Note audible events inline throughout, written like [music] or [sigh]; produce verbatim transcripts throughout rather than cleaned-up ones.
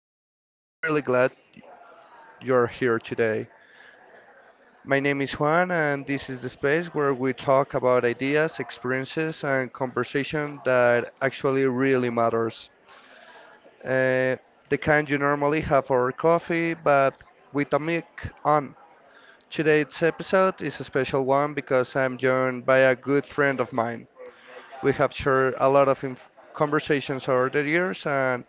podcast. I'm really glad you're here today. My name is Juan, and this is the space where we talk about ideas, experiences, and conversation that actually really matters. Uh, the kind you normally have for coffee, but with a mic on. Today's episode is a special one because I'm joined by a good friend of mine. We have shared a lot of inf- conversations over the years, and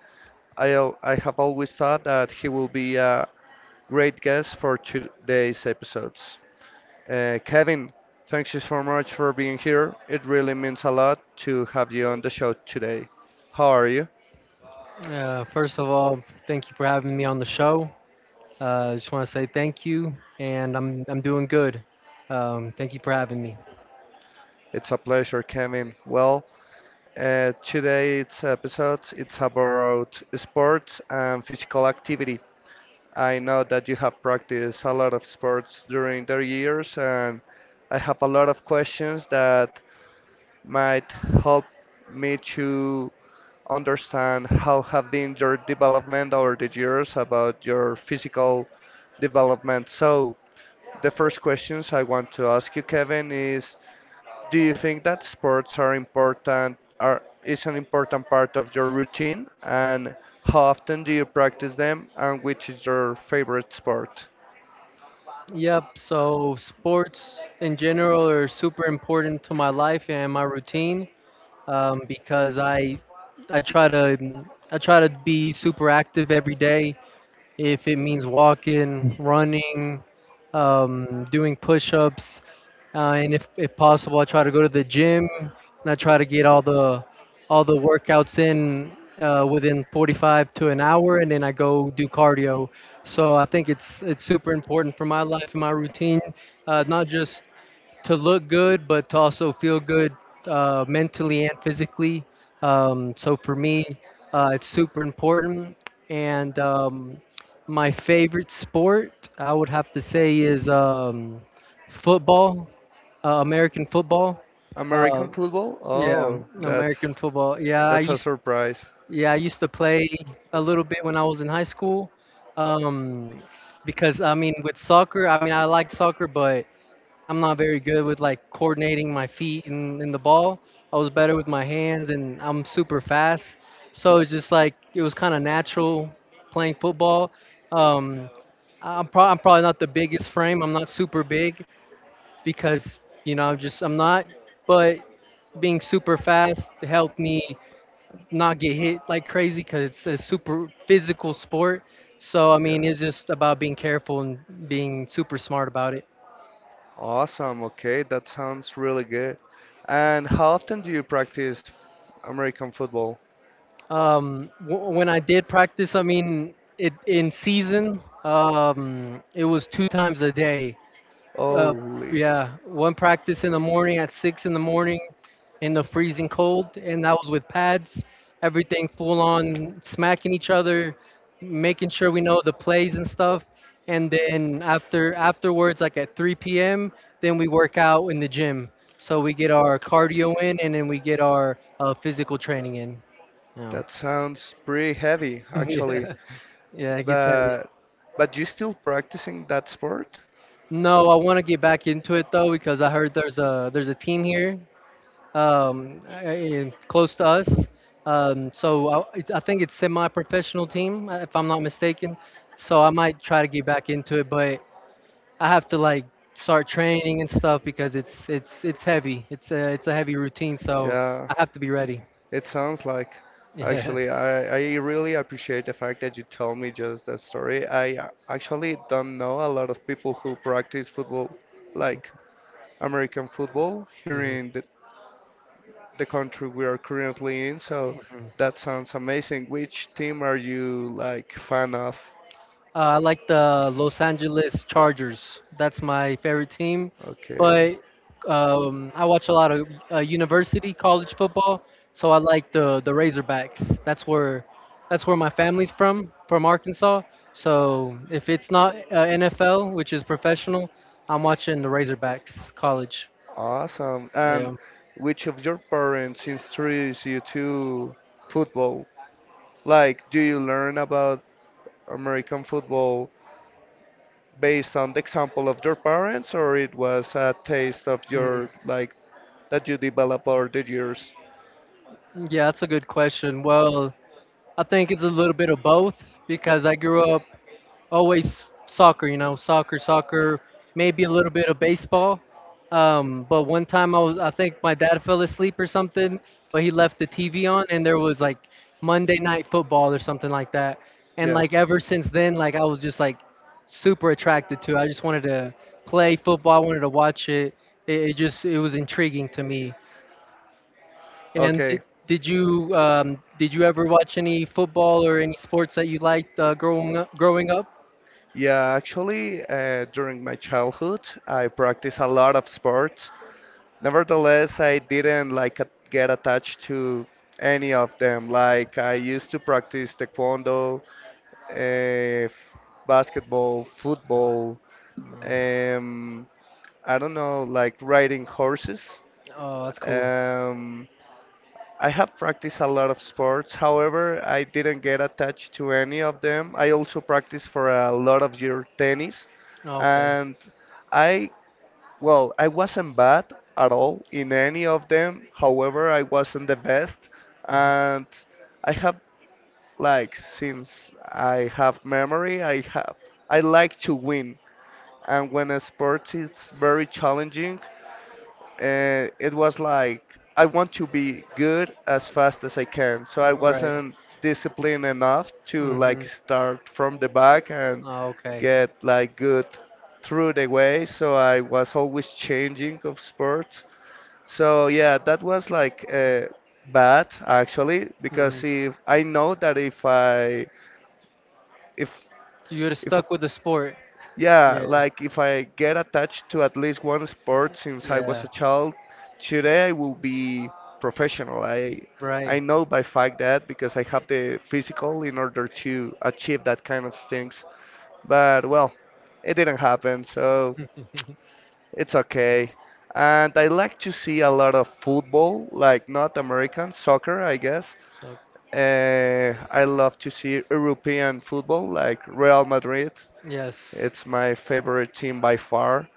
I, al- I have always thought that he will be a great guest for today's episodes. Uh, Kevin, thank you so much for being here. It really means a lot to have you on the show today. How are you? Uh, first of all, thank you for having me on the show. Uh, just want to say thank you, and I'm I'm doing good. Um, thank you for having me. It's a pleasure, Kevin. Well, uh, today's episode it's about sports and physical activity. I know that you have practiced a lot of sports during the years, and I have a lot of questions that might help me to understand how have been your development over the years about your physical development. So the first questions I want to ask you, Kevin, is do you think that sports are important are is an important part of your routine and how often do you practice them and which is your favorite sport? Yep. So sports in general are super important to my life and my routine um, because I I try to mm, I try to be super active every day. If it means walking, running, um, doing push-ups, uh, and if, if possible, I try to go to the gym and I try to get all the all the workouts in uh, within forty-five to an hour, and then I go do cardio. So I think it's it's super important for my life and my routine, uh, not just to look good, but to also feel good uh, mentally and physically. Um, so for me, uh, it's super important. And um, My favorite sport, I would have to say, is um, football. Uh, American football. Uh, American football? yeah, Oh, American that's football. Yeah, I that's a used surprise. Yeah, I used to play a little bit when I was in high school. Um, because I mean with soccer, I mean I like soccer, but I'm not very good with like coordinating my feet and, and the ball. I was better with my hands, and I'm super fast. So it's just like it was kind of natural playing football. Um, I'm, pro- I'm probably not the biggest frame. I'm not super big because you know I'm just I'm not. But being super fast helped me not get hit like crazy because it's a super A physical sport. So I yeah. mean, it's just about being careful and being super smart about it. Awesome. Okay, that sounds really good. And how often do you practice American football? Um, w- when I did practice, I mean, it in season, um, it was two times a day. Uh, Holy. yeah, One practice in the morning at six in the morning in the freezing cold, and that was with pads, everything full on, smacking each other, making sure we know the plays and stuff. And then after afterwards, like at three p m, then we work out in the gym. So we get our cardio in, and then we get our uh, physical training in. So Yeah. that sounds pretty heavy, [laughs] actually. Yeah. Yeah, it gets heavy. But but you still practicing that sport? No, I want to get back into it though because I heard there's a there's a team here um, eh, eh, close to us. Um, so I, it's, I think it's semi-professional team, uh, if I'm not mistaken. So I might try to get back into it, but I have to like start training and stuff because it's it's it's heavy. It's a it's a heavy routine, so Yeah, I have to be ready. [laughs] it sounds like Yeah. actually I, I really appreciate the fact that you told me just that story. I a- actually don't know a lot of people who practice football, like American football, here Mhm, in the, the country we are currently in, so mhm. that sounds amazing. Which team are you like fan of? Uh, I like the Los Angeles Chargers. That's my favorite team. Okay. But um, I watch a lot of uh, university college football, so I like the the Razorbacks. That's where that's where my family's from, from Arkansas. So if it's not uh, N F L, which is professional, I'm watching the Razorbacks college. Awesome. Yeah. And which of your parents introduced you to football? Like, do you learn about American football based on the example of your parents, or it was a taste of Mm. your, like, that you develop over the years? Yeah, that's a good question. Well, I think it's a little bit of both because I grew up always soccer, you know, soccer, soccer, maybe a little bit of baseball. Um, but one time I was, I think my dad fell asleep or something, but he left the T V on and there was like Monday night football or something like that. And Yeah. like ever since then, like I was just like super attracted to it. I just wanted to play football. I wanted to watch it. It, it just, it was intriguing to me. And did, Okay. did you, um, did you ever watch any football or any sports that you liked, uh, growing up, growing up? Yeah, actually, uh, during my childhood, I practiced a lot of sports. Nevertheless, I didn't like a- get attached to any of them. Like, I used to practice taekwondo, uh, basketball, football. Um, I don't know, like riding horses. Oh, that's cool. Um, I have practiced a lot of sports. However, I didn't get attached to any of them. I also practiced for a lot of year tennis, Okay. and I, well, I wasn't bad at all in any of them. However, I wasn't the best, Mhm. and I have like since I have memory, I have I like to win, and when a sport is very challenging, uh, it was like I want to be good as fast as I can. So I All right. wasn't disciplined enough to Mhm. like start from the back and Okay. get like good through the way. So I was always changing of sports. So yeah, that was like uh, bad actually Mhm. because if I know that if I if You're if stuck with the sport. yeah, Yeah. like if I get attached to at least one sport since I was a Yeah. child, today I will be professional. I I Right. know by fact that because I have the physical in order to achieve that kind of things. But well, it didn't happen, so [laughs] it's okay. And I like to see a lot of football, like not American soccer, I guess. So Uh, I love to see European football, like Real Madrid, yes. it's my favorite team by far.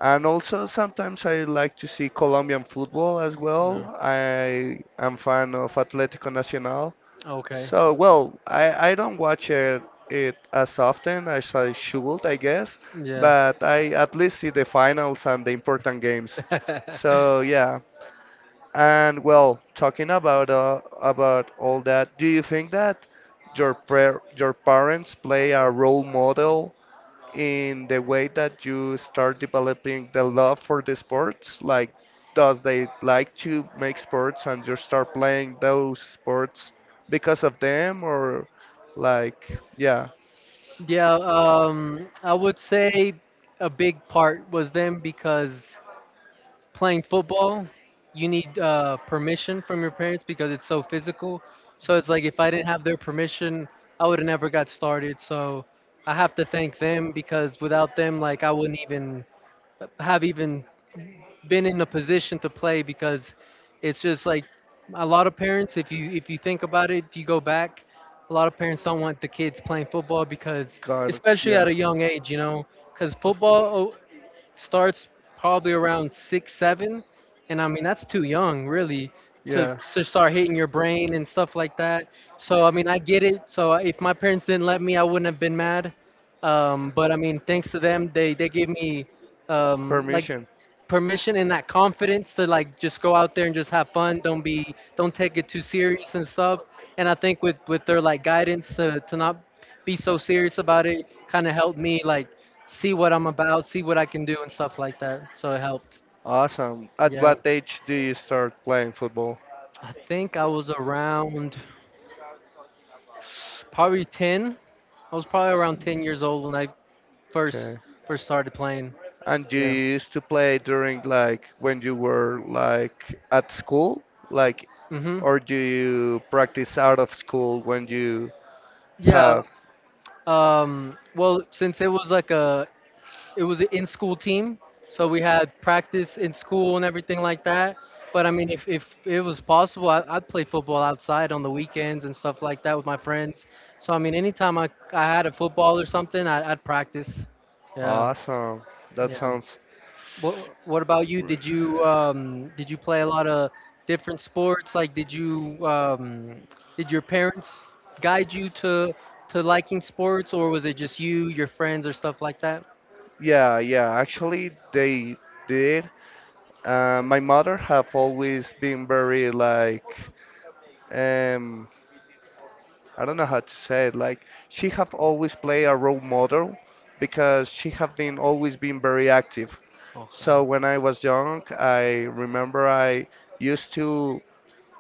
And also sometimes I like to see Colombian football as well. No. I am fan of Atlético Nacional. Okay. So, well, I, I don't watch it, it as often as I should, I guess, Yeah. but I at least see the finals and the important games. [laughs] So, yeah. And well, talking about uh, about all that, do you think that your par your parents play a role model in the way that you start developing the love for the sports? Like, does they like to make sports and you start playing those sports because of them, or like, yeah, Yeah, um, I would say a big part was them because playing football, you need uh, permission from your parents because it's so physical. So it's like if I didn't have their permission, I would have never got started. So I have to thank them because without them, like I wouldn't even have even been in a position to play because it's just like a lot of parents if you if you think about it if you go back a lot of parents don't want the kids playing football because God, especially at yeah, a young age you know because of course, football starts probably around six, seven, and I mean that's too young, really, to yeah, to start hitting your brain and stuff like that. So I mean I get it. So uh, if my parents didn't let me, I wouldn't have been mad. Um, but I mean, thanks to them, they they gave me um, like permission. permission and that confidence to like just go out there and just have fun. Don't be don't take it too serious and stuff. And I think with with their like guidance to to not be so serious about it kind of helped me like see what I'm about, see what I can do and stuff like that. So it helped. Awesome. At Yeah. what age do you start playing football? I think I was around probably ten. I was probably around ten years old when I Okay. first first started playing. And you Yeah. used to play during like when you were like at school, like, Mhm. or do you practice out of school when you Yeah. have? Um, well, since it was like a it was an in-school team, so we had practice in school and everything like that. But I mean, if, if it was possible, I, I'd play football outside on the weekends and stuff like that with my friends. So I mean, anytime I, I had a football or something, I, I'd practice. Yeah, Awesome. That yeah. sounds. What What about you? Did you um did you play a lot of different sports? Like, did you um did your parents guide you to to liking sports, or was it just you, your friends, or stuff like that? Yeah, yeah. Actually, they did. Uh, my mother have always been very like um I don't know how to say it. Like she have always played a role model because she have been always been very active. So Okay. when I was young, I remember I used to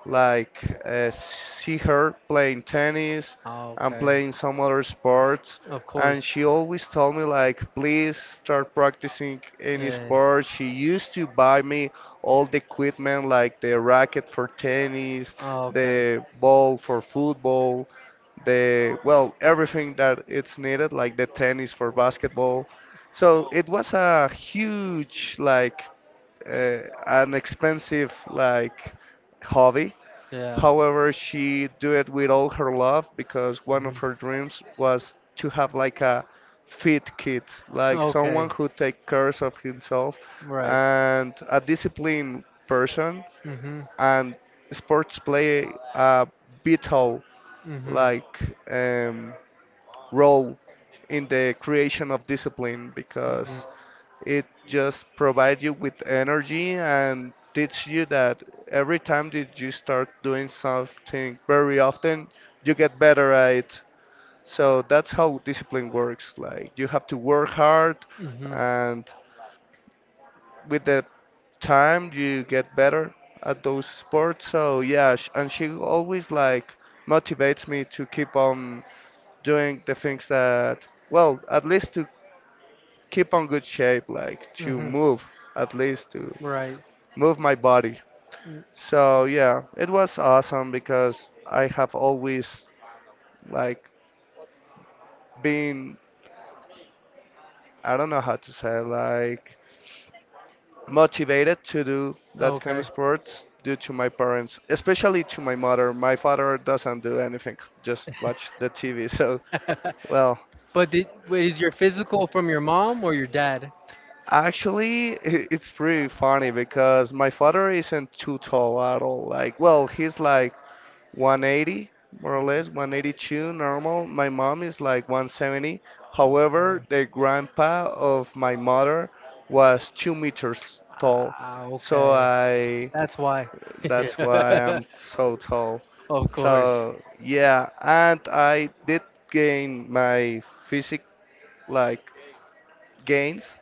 like uh, see her playing tennis and Okay. playing some other sports Of course. and she always told me like please start practicing any Eh. sport she used to buy me all the equipment like the racket for tennis Oh, okay. the ball for football the well everything that it's needed like the tennis for basketball so it was a huge like uh, an expensive like hobby. Yeah. However, she do it with all her love because one of Mhm. her dreams [laughs] was to have like a fit kid, like Okay. someone who take cares of himself Right. and a disciplined person. Mm-hmm. And sports play a vital Mm-hmm. like um, role in the creation of discipline Mm-hmm. because it just provides you with energy and teach you that every time that you start doing something very often, you get better at it. So that's how discipline works. Like you have to work hard, Mm-hmm. and with the time you get better at those sports. So yeah, sh- and she always like motivates me to keep on doing the things that, well, at least to keep on good shape, like to Mm-hmm. move at least to Right. move my body. So yeah, it was awesome because I have always like been I don't know how to say like motivated to do Oh, that kind of okay. sports due to my parents, especially to my mother. My father doesn't do anything, just watch the T V. [laughs] So [laughs] well, but did wait, is your physical from your mom or your dad? actually i- it's pretty funny because my father isn't too tall at all. Like well, he's like one eighty, more or less one eighty-two, normal. My mom is like one seventy. However, Okay. the grandpa of my mother was two meters tall, Ah, so okay. I That's why. [laughs] that's why Yeah. I'm so tall. [laughs] Of course. So yeah, and I did gain my physique like gains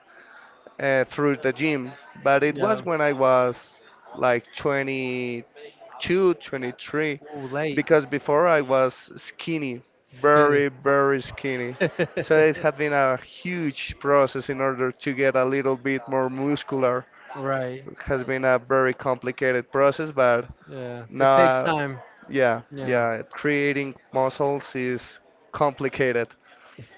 uh, through the gym, but it Yeah. was when I was like twenty-two, twenty-three Ooh, late. because before I was skinny, Skid. very, very skinny. So it [laughs] had been a huge process in order to get a little bit more muscular. Right. It has been a very complicated process, but Yeah. It takes now, time. yeah, Yeah. yeah, creating muscles is complicated,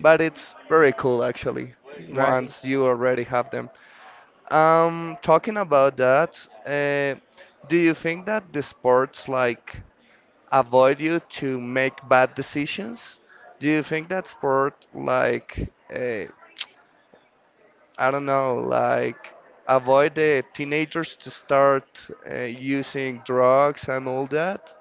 but it's very cool actually Right. once you already have them. Um, talking about that, uh, do you think that the sports like avoid you to make bad decisions? Do you think that sport, like, uh, I don't know, like, avoid the teenagers to start uh, using drugs and all that?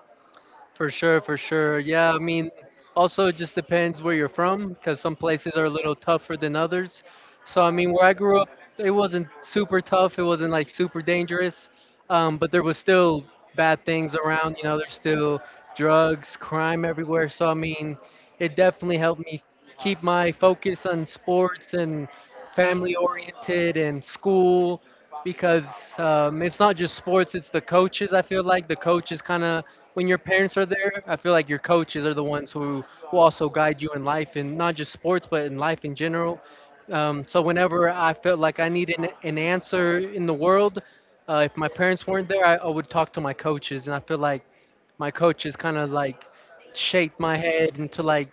For sure, for sure. Yeah, I mean, also it just depends where you're from, because some places are a little tougher than others. So, I mean, where I grew up, it wasn't super tough. It wasn't like super dangerous, um, but there was still bad things around. You know, there's still drugs, crime everywhere. So, I mean, it definitely helped me keep my focus on sports and family oriented and school because um, it's not just sports, it's the coaches. I feel like the coaches kind of when your parents are there, I feel like your coaches are the ones who, who also guide you in life and not just sports, but in life in general. Um, so whenever I felt like I needed an, an answer in the world, uh, if my parents weren't there, I, I would talk to my coaches, and I feel like my coaches kind of like shaped my head into like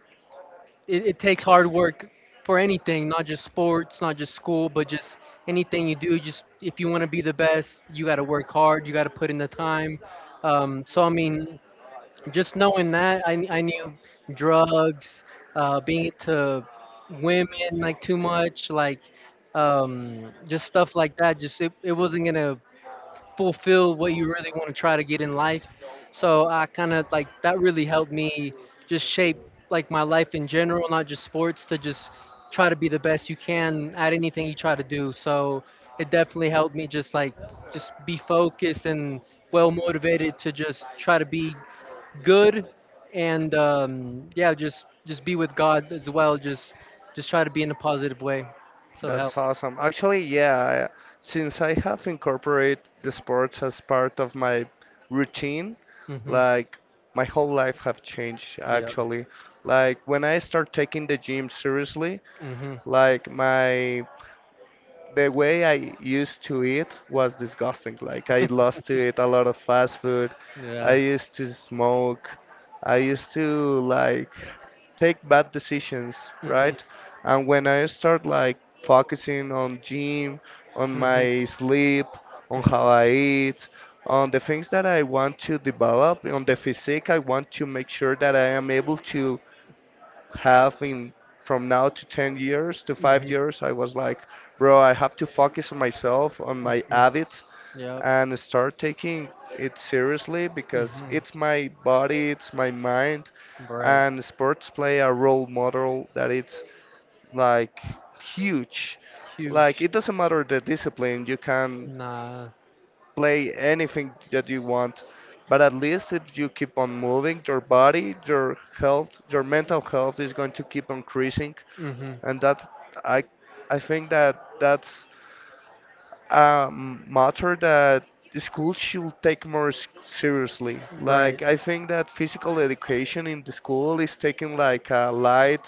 it, it takes hard work for anything, not just sports, not just school, but just anything you do. Just if you want to be the best, you got to work hard, you got to put in the time. Um, so I mean, just knowing that I, I knew drugs uh, being into women like too much like um, just stuff like that just it, it wasn't gonna fulfill what you really want to try to get in life so I kind of like that really helped me just shape like my life in general not just sports to just try to be the best you can at anything you try to do so it definitely helped me just like just be focused and well motivated to just try to be good and um, yeah just just be with God as well just just try to be in a positive way so help. That's awesome. Actually, yeah, I- since I have incorporated the sports as part of my routine, Hmm. like my whole life have changed Yeah. actually. Like when I start taking the gym seriously, Hmm. like my the way I used to eat was disgusting. Like I lost to [laughs] eat a lot of fast food. I Yeah. used to smoke. I used to like take bad decisions, Hmm. right? And when I start like focusing on gym, on Hmm. my sleep, on how I eat, on the things that I want to develop, on the physique, I want to make sure that I am able to have in from now to ten years to Hmm. five Hmm. years, I was like, bro, I have to focus on myself, on my Mhm. habits, Yep. and start taking it seriously because Mhm. it's my body, it's my mind, Right. and sports play a role model that it's like huge. Like Huge. it doesn't matter the discipline, you can Nah. play anything that you want, but at least if you keep on moving your body, your health, your mental health is going to keep on increasing. Hmm. And that I I think that that's a matter that the school should take more s- seriously. Right. Like I think that physical education in the school is taken like a light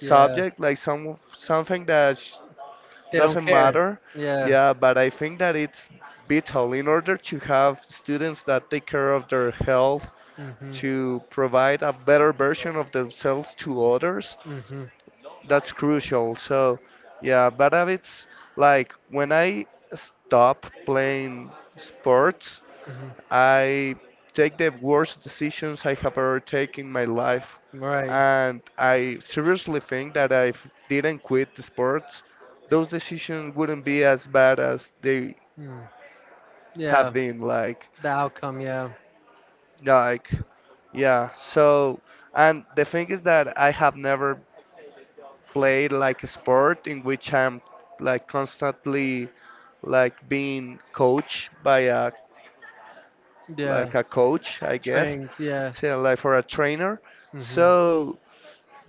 Yeah. like some something that sh- They don't doesn't care. matter. Yeah. Yeah, but I think that it's vital in order to have students that take care of their health Hmm. to provide a better version of themselves to others, Hmm. that's crucial. So, yeah, bad habits, like when I stop playing sports, Hmm. I take the worst decisions I have ever taken in my life, Right. and I seriously think that if didn't quit the sports, those decisions wouldn't be as bad as they Mm. Yeah. have been. Like, The outcome. Yeah. like, yeah. So, and the thing is that I have never play like a sport in which I'm like constantly like being coached by a Yeah. like a coach, I guess, Trained. Yeah. so like for a trainer. Mhm. So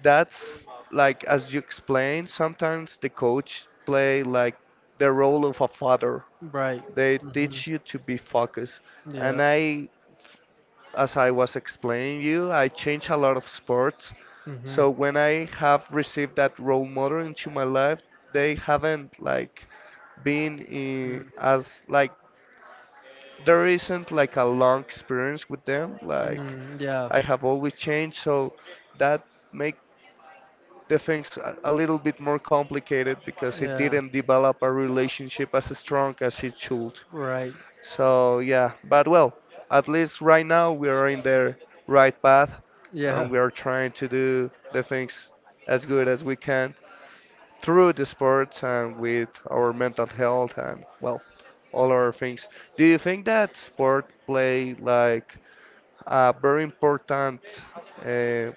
that's like as you explained, sometimes the coach play like the role of a father. Right. They Mhm. teach you to be focused, and Yeah. I as I was explaining you, I changed a lot of sports. Mhm. So when I have received that role model into my life, they haven't like been in, Mm. as like there isn't like a long experience with them. Like Mm, yeah. I have always changed, so that make the things a a little bit more complicated because it Yeah. didn't develop a relationship as strong as it should. Right. So yeah, but well, at least right now we are in the right path, Yeah. and we are trying to do the things as good as we can through the sports and with our mental health and, well, all our things. Do you think that sport play like a very important uh,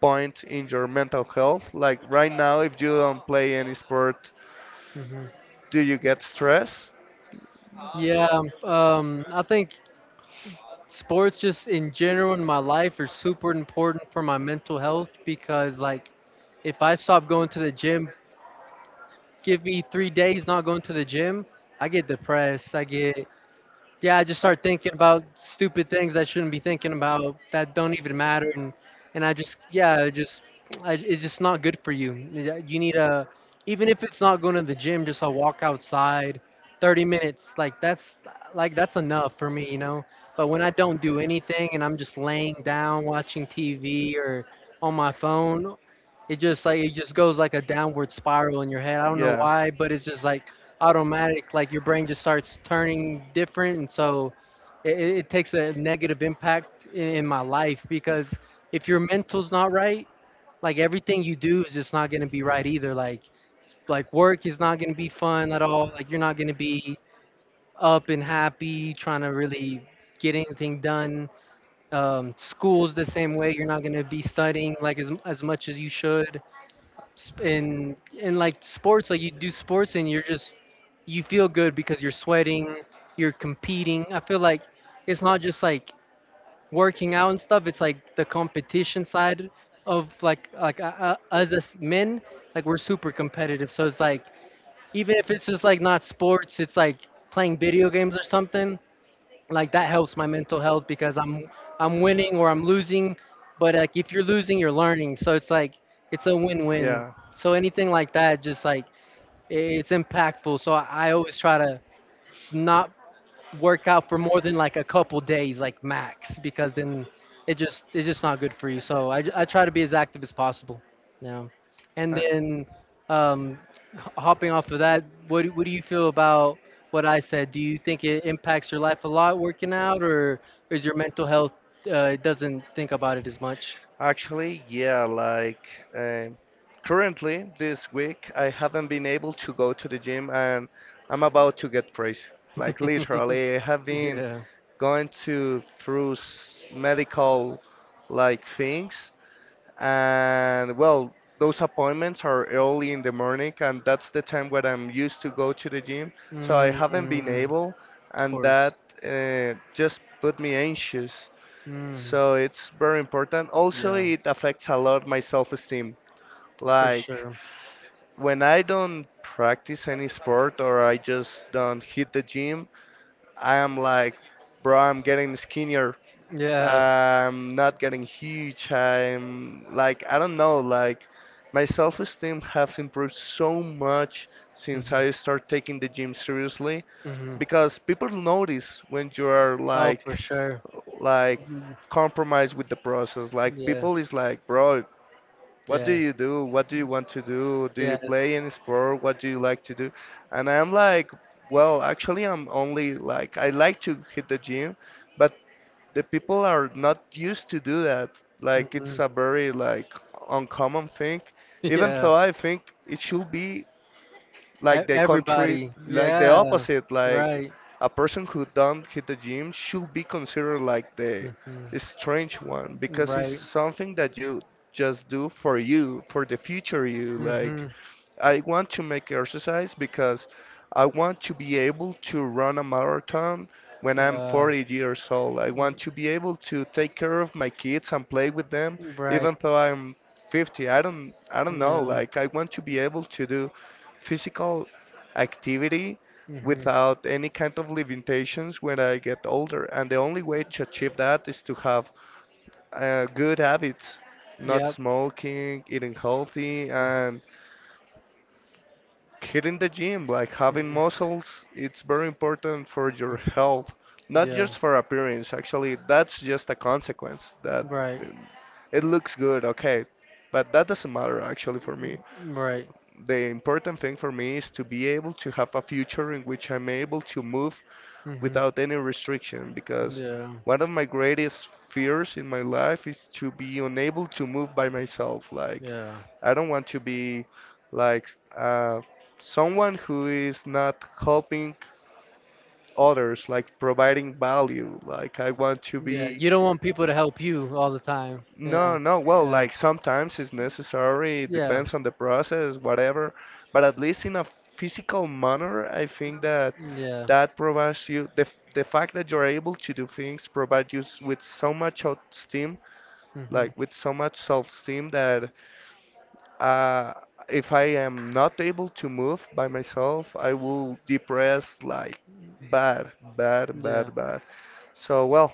point in your mental health? Like right now, if you don't play any sport, Mhm. do you get stress? Yeah. Um. I think sports just in general in my life are super important for my mental health because like if I stop going to the gym, give me three days not going to the gym, I get depressed. I get yeah, I just start thinking about stupid things I shouldn't be thinking about that don't even matter, and and I just yeah, it just I, it's just not good for you. Yeah, you need a even if it's not going to the gym, just a walk outside, thirty minutes. Like that's like that's enough for me, you know. But when I don't do anything and I'm just laying down watching T V or on my phone, it just like it just goes like a downward spiral in your head. I don't know Yeah. why, but it's just like automatic, like your brain just starts turning different. And so it, it it takes a negative impact in, in my life because if your mental's not right, like everything you do is just not going to be right either, like like work is not going to be fun at all, like you're not going to be up and happy trying to really get anything done. Um, school's the same way, you're not going to be studying like as, as much as you should. Sp- in in like sports, like you do sports and you're just you feel good because you're sweating, you're competing. I feel like it's not just like working out and stuff. It's like the competition side of like like uh, uh, us as men. Like we're super competitive, so it's like even if it's just like not sports, it's like playing video games or something like that helps my mental health because I'm I'm winning or I'm losing, but like if you're losing, you're learning. So it's like it's a win-win. Yeah. So anything like that, just like i- it's impactful. So I I always try to not work out for more than like a couple days, like max, because then it just it's just not good for you. So I, j- I try to be as active as possible. Yeah, and Uh, then um, h- hopping off of that, what do- what do you feel about what I said? Do you think it impacts your life a lot working out, or is your mental health uh, doesn't think about it as much? Actually, yeah, like um currently this week I haven't been able to go to the gym, and I'm about to get crazy. Like [laughs] literally, I have been Yeah. going to through s- medical like things. And well, those appointments are early in the morning, and that's the time when I'm used to go to the gym. So I haven't been Mm, able, of and course. that uh, just put me anxious. Mm, So it's very important. Also, yeah. it affects a lot my self-esteem. For Like sure. when I don't practice any sport or I just don't hit the gym, I am like, bro, I'm getting skinnier. Yeah. I'm not getting huge. I'm like I don't know, like my self-esteem has improved so much Hmm. since I start taking the gym seriously Hmm. because people notice when you are Oh, for like sure. like Mhm. compromised with the process. Like Yeah. people is like, bro, what do Yeah. you do? What do you want to do? Do Yeah. you play any sport? What do you like to do? And I'm like, well, actually, I'm only like I like to hit the gym, but the people are not used to do that. Like it's Hmm. a very like uncommon thing. [laughs] Even Yeah. though I think it should be E- like the country, Everybody. like the Yeah. opposite. Like Right. a person who don't hit the gym should be considered like the Hmm, because. strange one because it's Right. something that you just do for you, for the future you. That. Like Hmm. I want to make exercise because I want to be able to run a marathon when I'm Uh, forty years old. I want to be able to take care of my kids and play with them right. even though I'm fifty. I don't I don't know, Um, like I want to be able to do physical activity hmm. without any kind of limitations when I get older. And the only way to achieve that is to have uh, good habits, not Yep. smoking, eating healthy, Mhm. and hitting the gym. Like having muscles, it's very important for your health, Mhm. not Yeah. just for appearance. Actually, that's just a consequence that Right. um, it looks good, okay, but that doesn't matter actually for me. Right. The important thing for me is to be able to have a future in which I'm able to move Hmm. without any restriction because Yeah. one of my greatest fears in my life is to be unable to move by myself. Like, Yeah. I don't want to be like uh, someone who is not helping others, like providing value. Like, I want to Yeah. be. You don't want people to help you all the time. No, Yeah. no. Well, Yeah. like sometimes it's necessary, it Yeah. depends on the process, whatever. But at least in a physical manner, I think that Yeah. that provides you the f- the fact that you're able to do things provides you s- with so much self-esteem, Hmm. like with so much self-esteem that uh, if I am not able to move by myself, I will depress like bad, bad, Yeah. bad, bad. So well,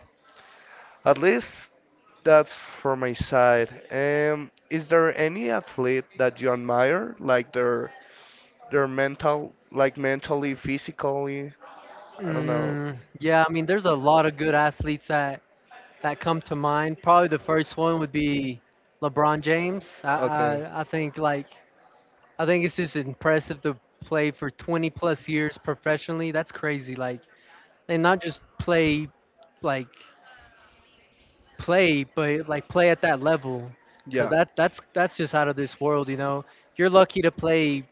at least that's from my side. Um, is there any athlete that you admire, like their their mental, like mentally, physically? I don't know. Mm, yeah, I mean, there's a lot of good athletes that that come to mind. Probably the first one would be LeBron James. I Okay, I, I think like I think it's just impressive to play for twenty plus years professionally. That's crazy. Like, and not just play, like play, but like play at that level, because yeah, that that's that's just out of this world. You know, you're lucky to play.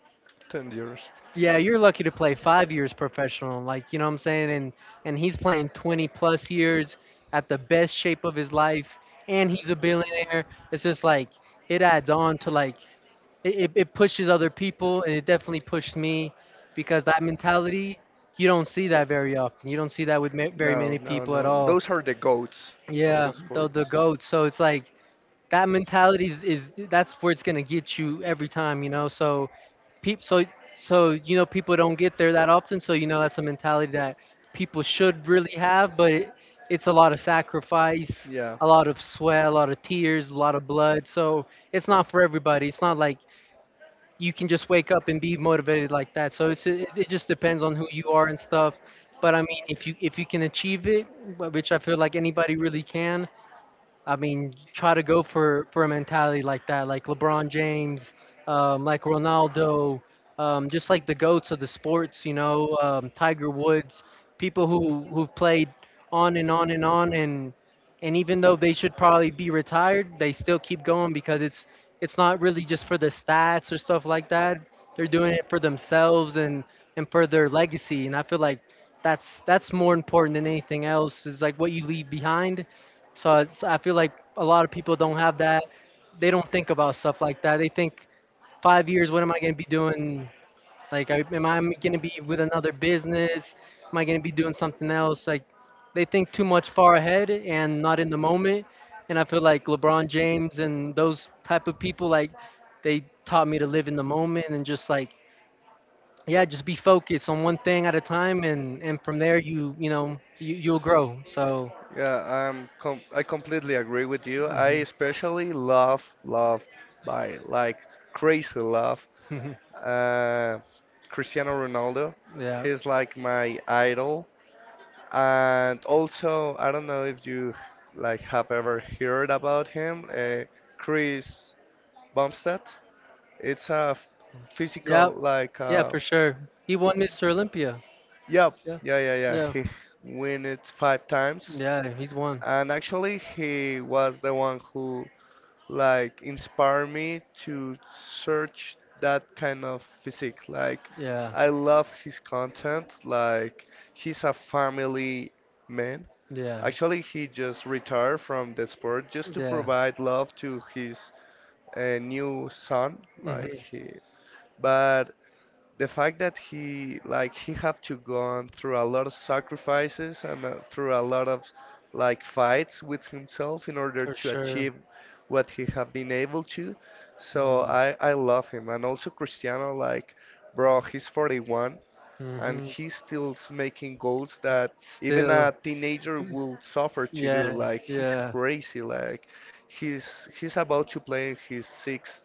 ten years. Yeah, you're lucky to play five years professional, like you know what I'm saying, and and he's playing twenty plus years at the best shape of his life, and he's a billionaire. It's just like it adds on to like it, it, it pushes other people, and it definitely pushed me because that mentality, you don't see that very often. You don't see that with ma- very No, many no, people at no. all. Those are the goats of Yeah, the the the sports. goat. So it's like that mentality is, is that's where it's gonna get you every time, you know. So, peep, so so you know people don't get there that often. So you know that's a mentality that people should really have, but it, it's a lot of sacrifice, Yeah. a lot of sweat, a lot of tears, a lot of blood. So it's not for everybody. It's not like you can just wake up and be motivated like that. So it's it, it just depends on who you are and stuff. But I mean, if you if you can achieve it, wh- which I feel like anybody really can, I mean, try to go for for a mentality like that, like LeBron James, um, like Ronaldo, um, just like the goats of the sports, you know, um, Tiger Woods, people who who've played on and on and on, and and even though they should probably be retired, they still keep going because it's it's not really just for the stats or stuff like that. They're doing it for themselves and and for their legacy, and I feel like that's that's more important than anything else. Is like what you leave behind. So it's, I feel like a lot of people don't have that. They don't think about stuff like that. They think five years, what am I going to be doing? Like, I, am I going to be with another business? Am I going to be doing something else? Like, they think too much far ahead and not in the moment. And I feel like LeBron James and those type of people, like, they taught me to live in the moment and just like, yeah, just be focused on one thing at a time, and and from there you you know you you'll grow. So, Yeah, um, com I completely agree with you. I mhm. especially love, love by like crazy love, uh, Cristiano Ronaldo. [laughs] Yeah. He's like my idol. And also, I don't know if you like have ever heard about him, uh, Chris Bumstead. It's a f- physical Yep. like, Yeah, uh, for sure. He won Mister Olympia. yeah, Yeah. yeah, yeah, yeah. Yeah. He won it five times, Yeah, he's won. and actually, he was the one who like inspire me to search that kind of physique. Like Yeah. I love his content. Like he's a family man. Yeah. Actually, he just retired from the sport just to Yeah. provide love to his uh, new son. Like Mhm. he, but the fact that he like he have to go on through a lot of sacrifices and uh, through a lot of like fights with himself in order For to sure. achieve what he have been able to. So Mm. i i love him, and also Cristiano, like, bro, he's forty-one and Hmm. he's still s- making goals that even Still, a teenager will suffer to do. yeah, Like he's yeah, crazy. Like he's he's about to play in his sixth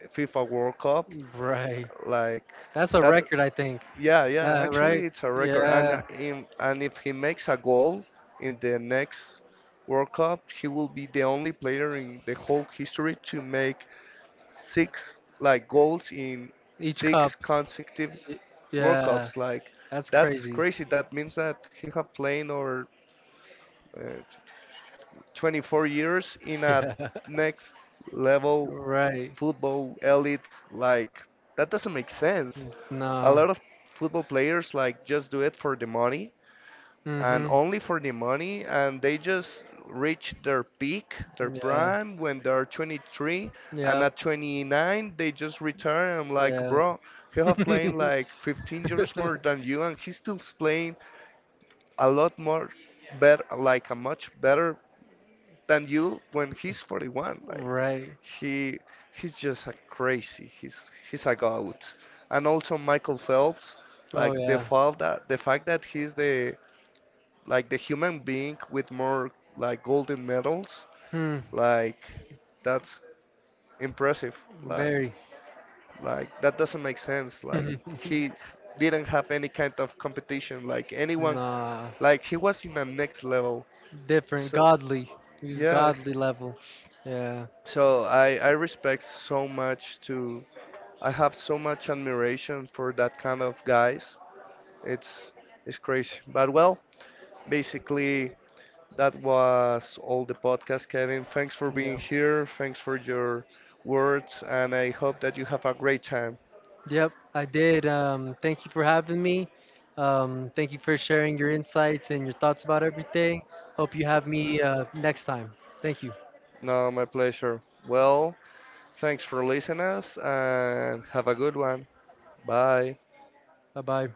F I F A world cup. right. Like That's a that, record, I think. yeah, yeah, Uh, actually Right? it's a record. And Yeah, uh, him, and if he makes a goal in the next World Cup, he will be the only player in the whole history to make six like goals in each cup. six consecutive Y- World Yeah, Cups. Like that's that's crazy. crazy. That means that he have played over uh, twenty-four years in a Yeah, [laughs] next level right. football elite. Like that doesn't make sense. A No. lot of football players like just do it for the money, and Mm-hmm. only for the money, and they just reach their peak, their prime when they're twenty-three, Yeah, and yeah. at twenty-nine they just retire. I'm like, Yeah. bro, he have playing [laughs] like fifteen years more than you and he's still playing a lot more better, like a much better than you when he's forty-one. Like right. he, he's just a crazy. He's he's a goat. And also Michael Phelps, Oh like the yeah. fact that the fact that he's the like the human being with more like golden medals, Hmm. like that's impressive. Like Very. like that doesn't make sense. Like [laughs] he didn't have any kind of competition. Like anyone nah. like he was in the next level. Different. So Godly. He's yeah. godly level. Yeah. So I I respect so much to I have so much admiration for that kind of guys. It's it's crazy. But well, basically that was all the podcast, Kevin. Thanks for being Yeah. here. Thanks for your words, and I hope that you have a great time. Yep, I did. Um, thank you for having me. Um, thank you for sharing your insights and your thoughts about everything. Hope you have me uh, next time. Thank you. No, my pleasure. Well, thanks for listening us, and have a good one. Bye. Bye bye.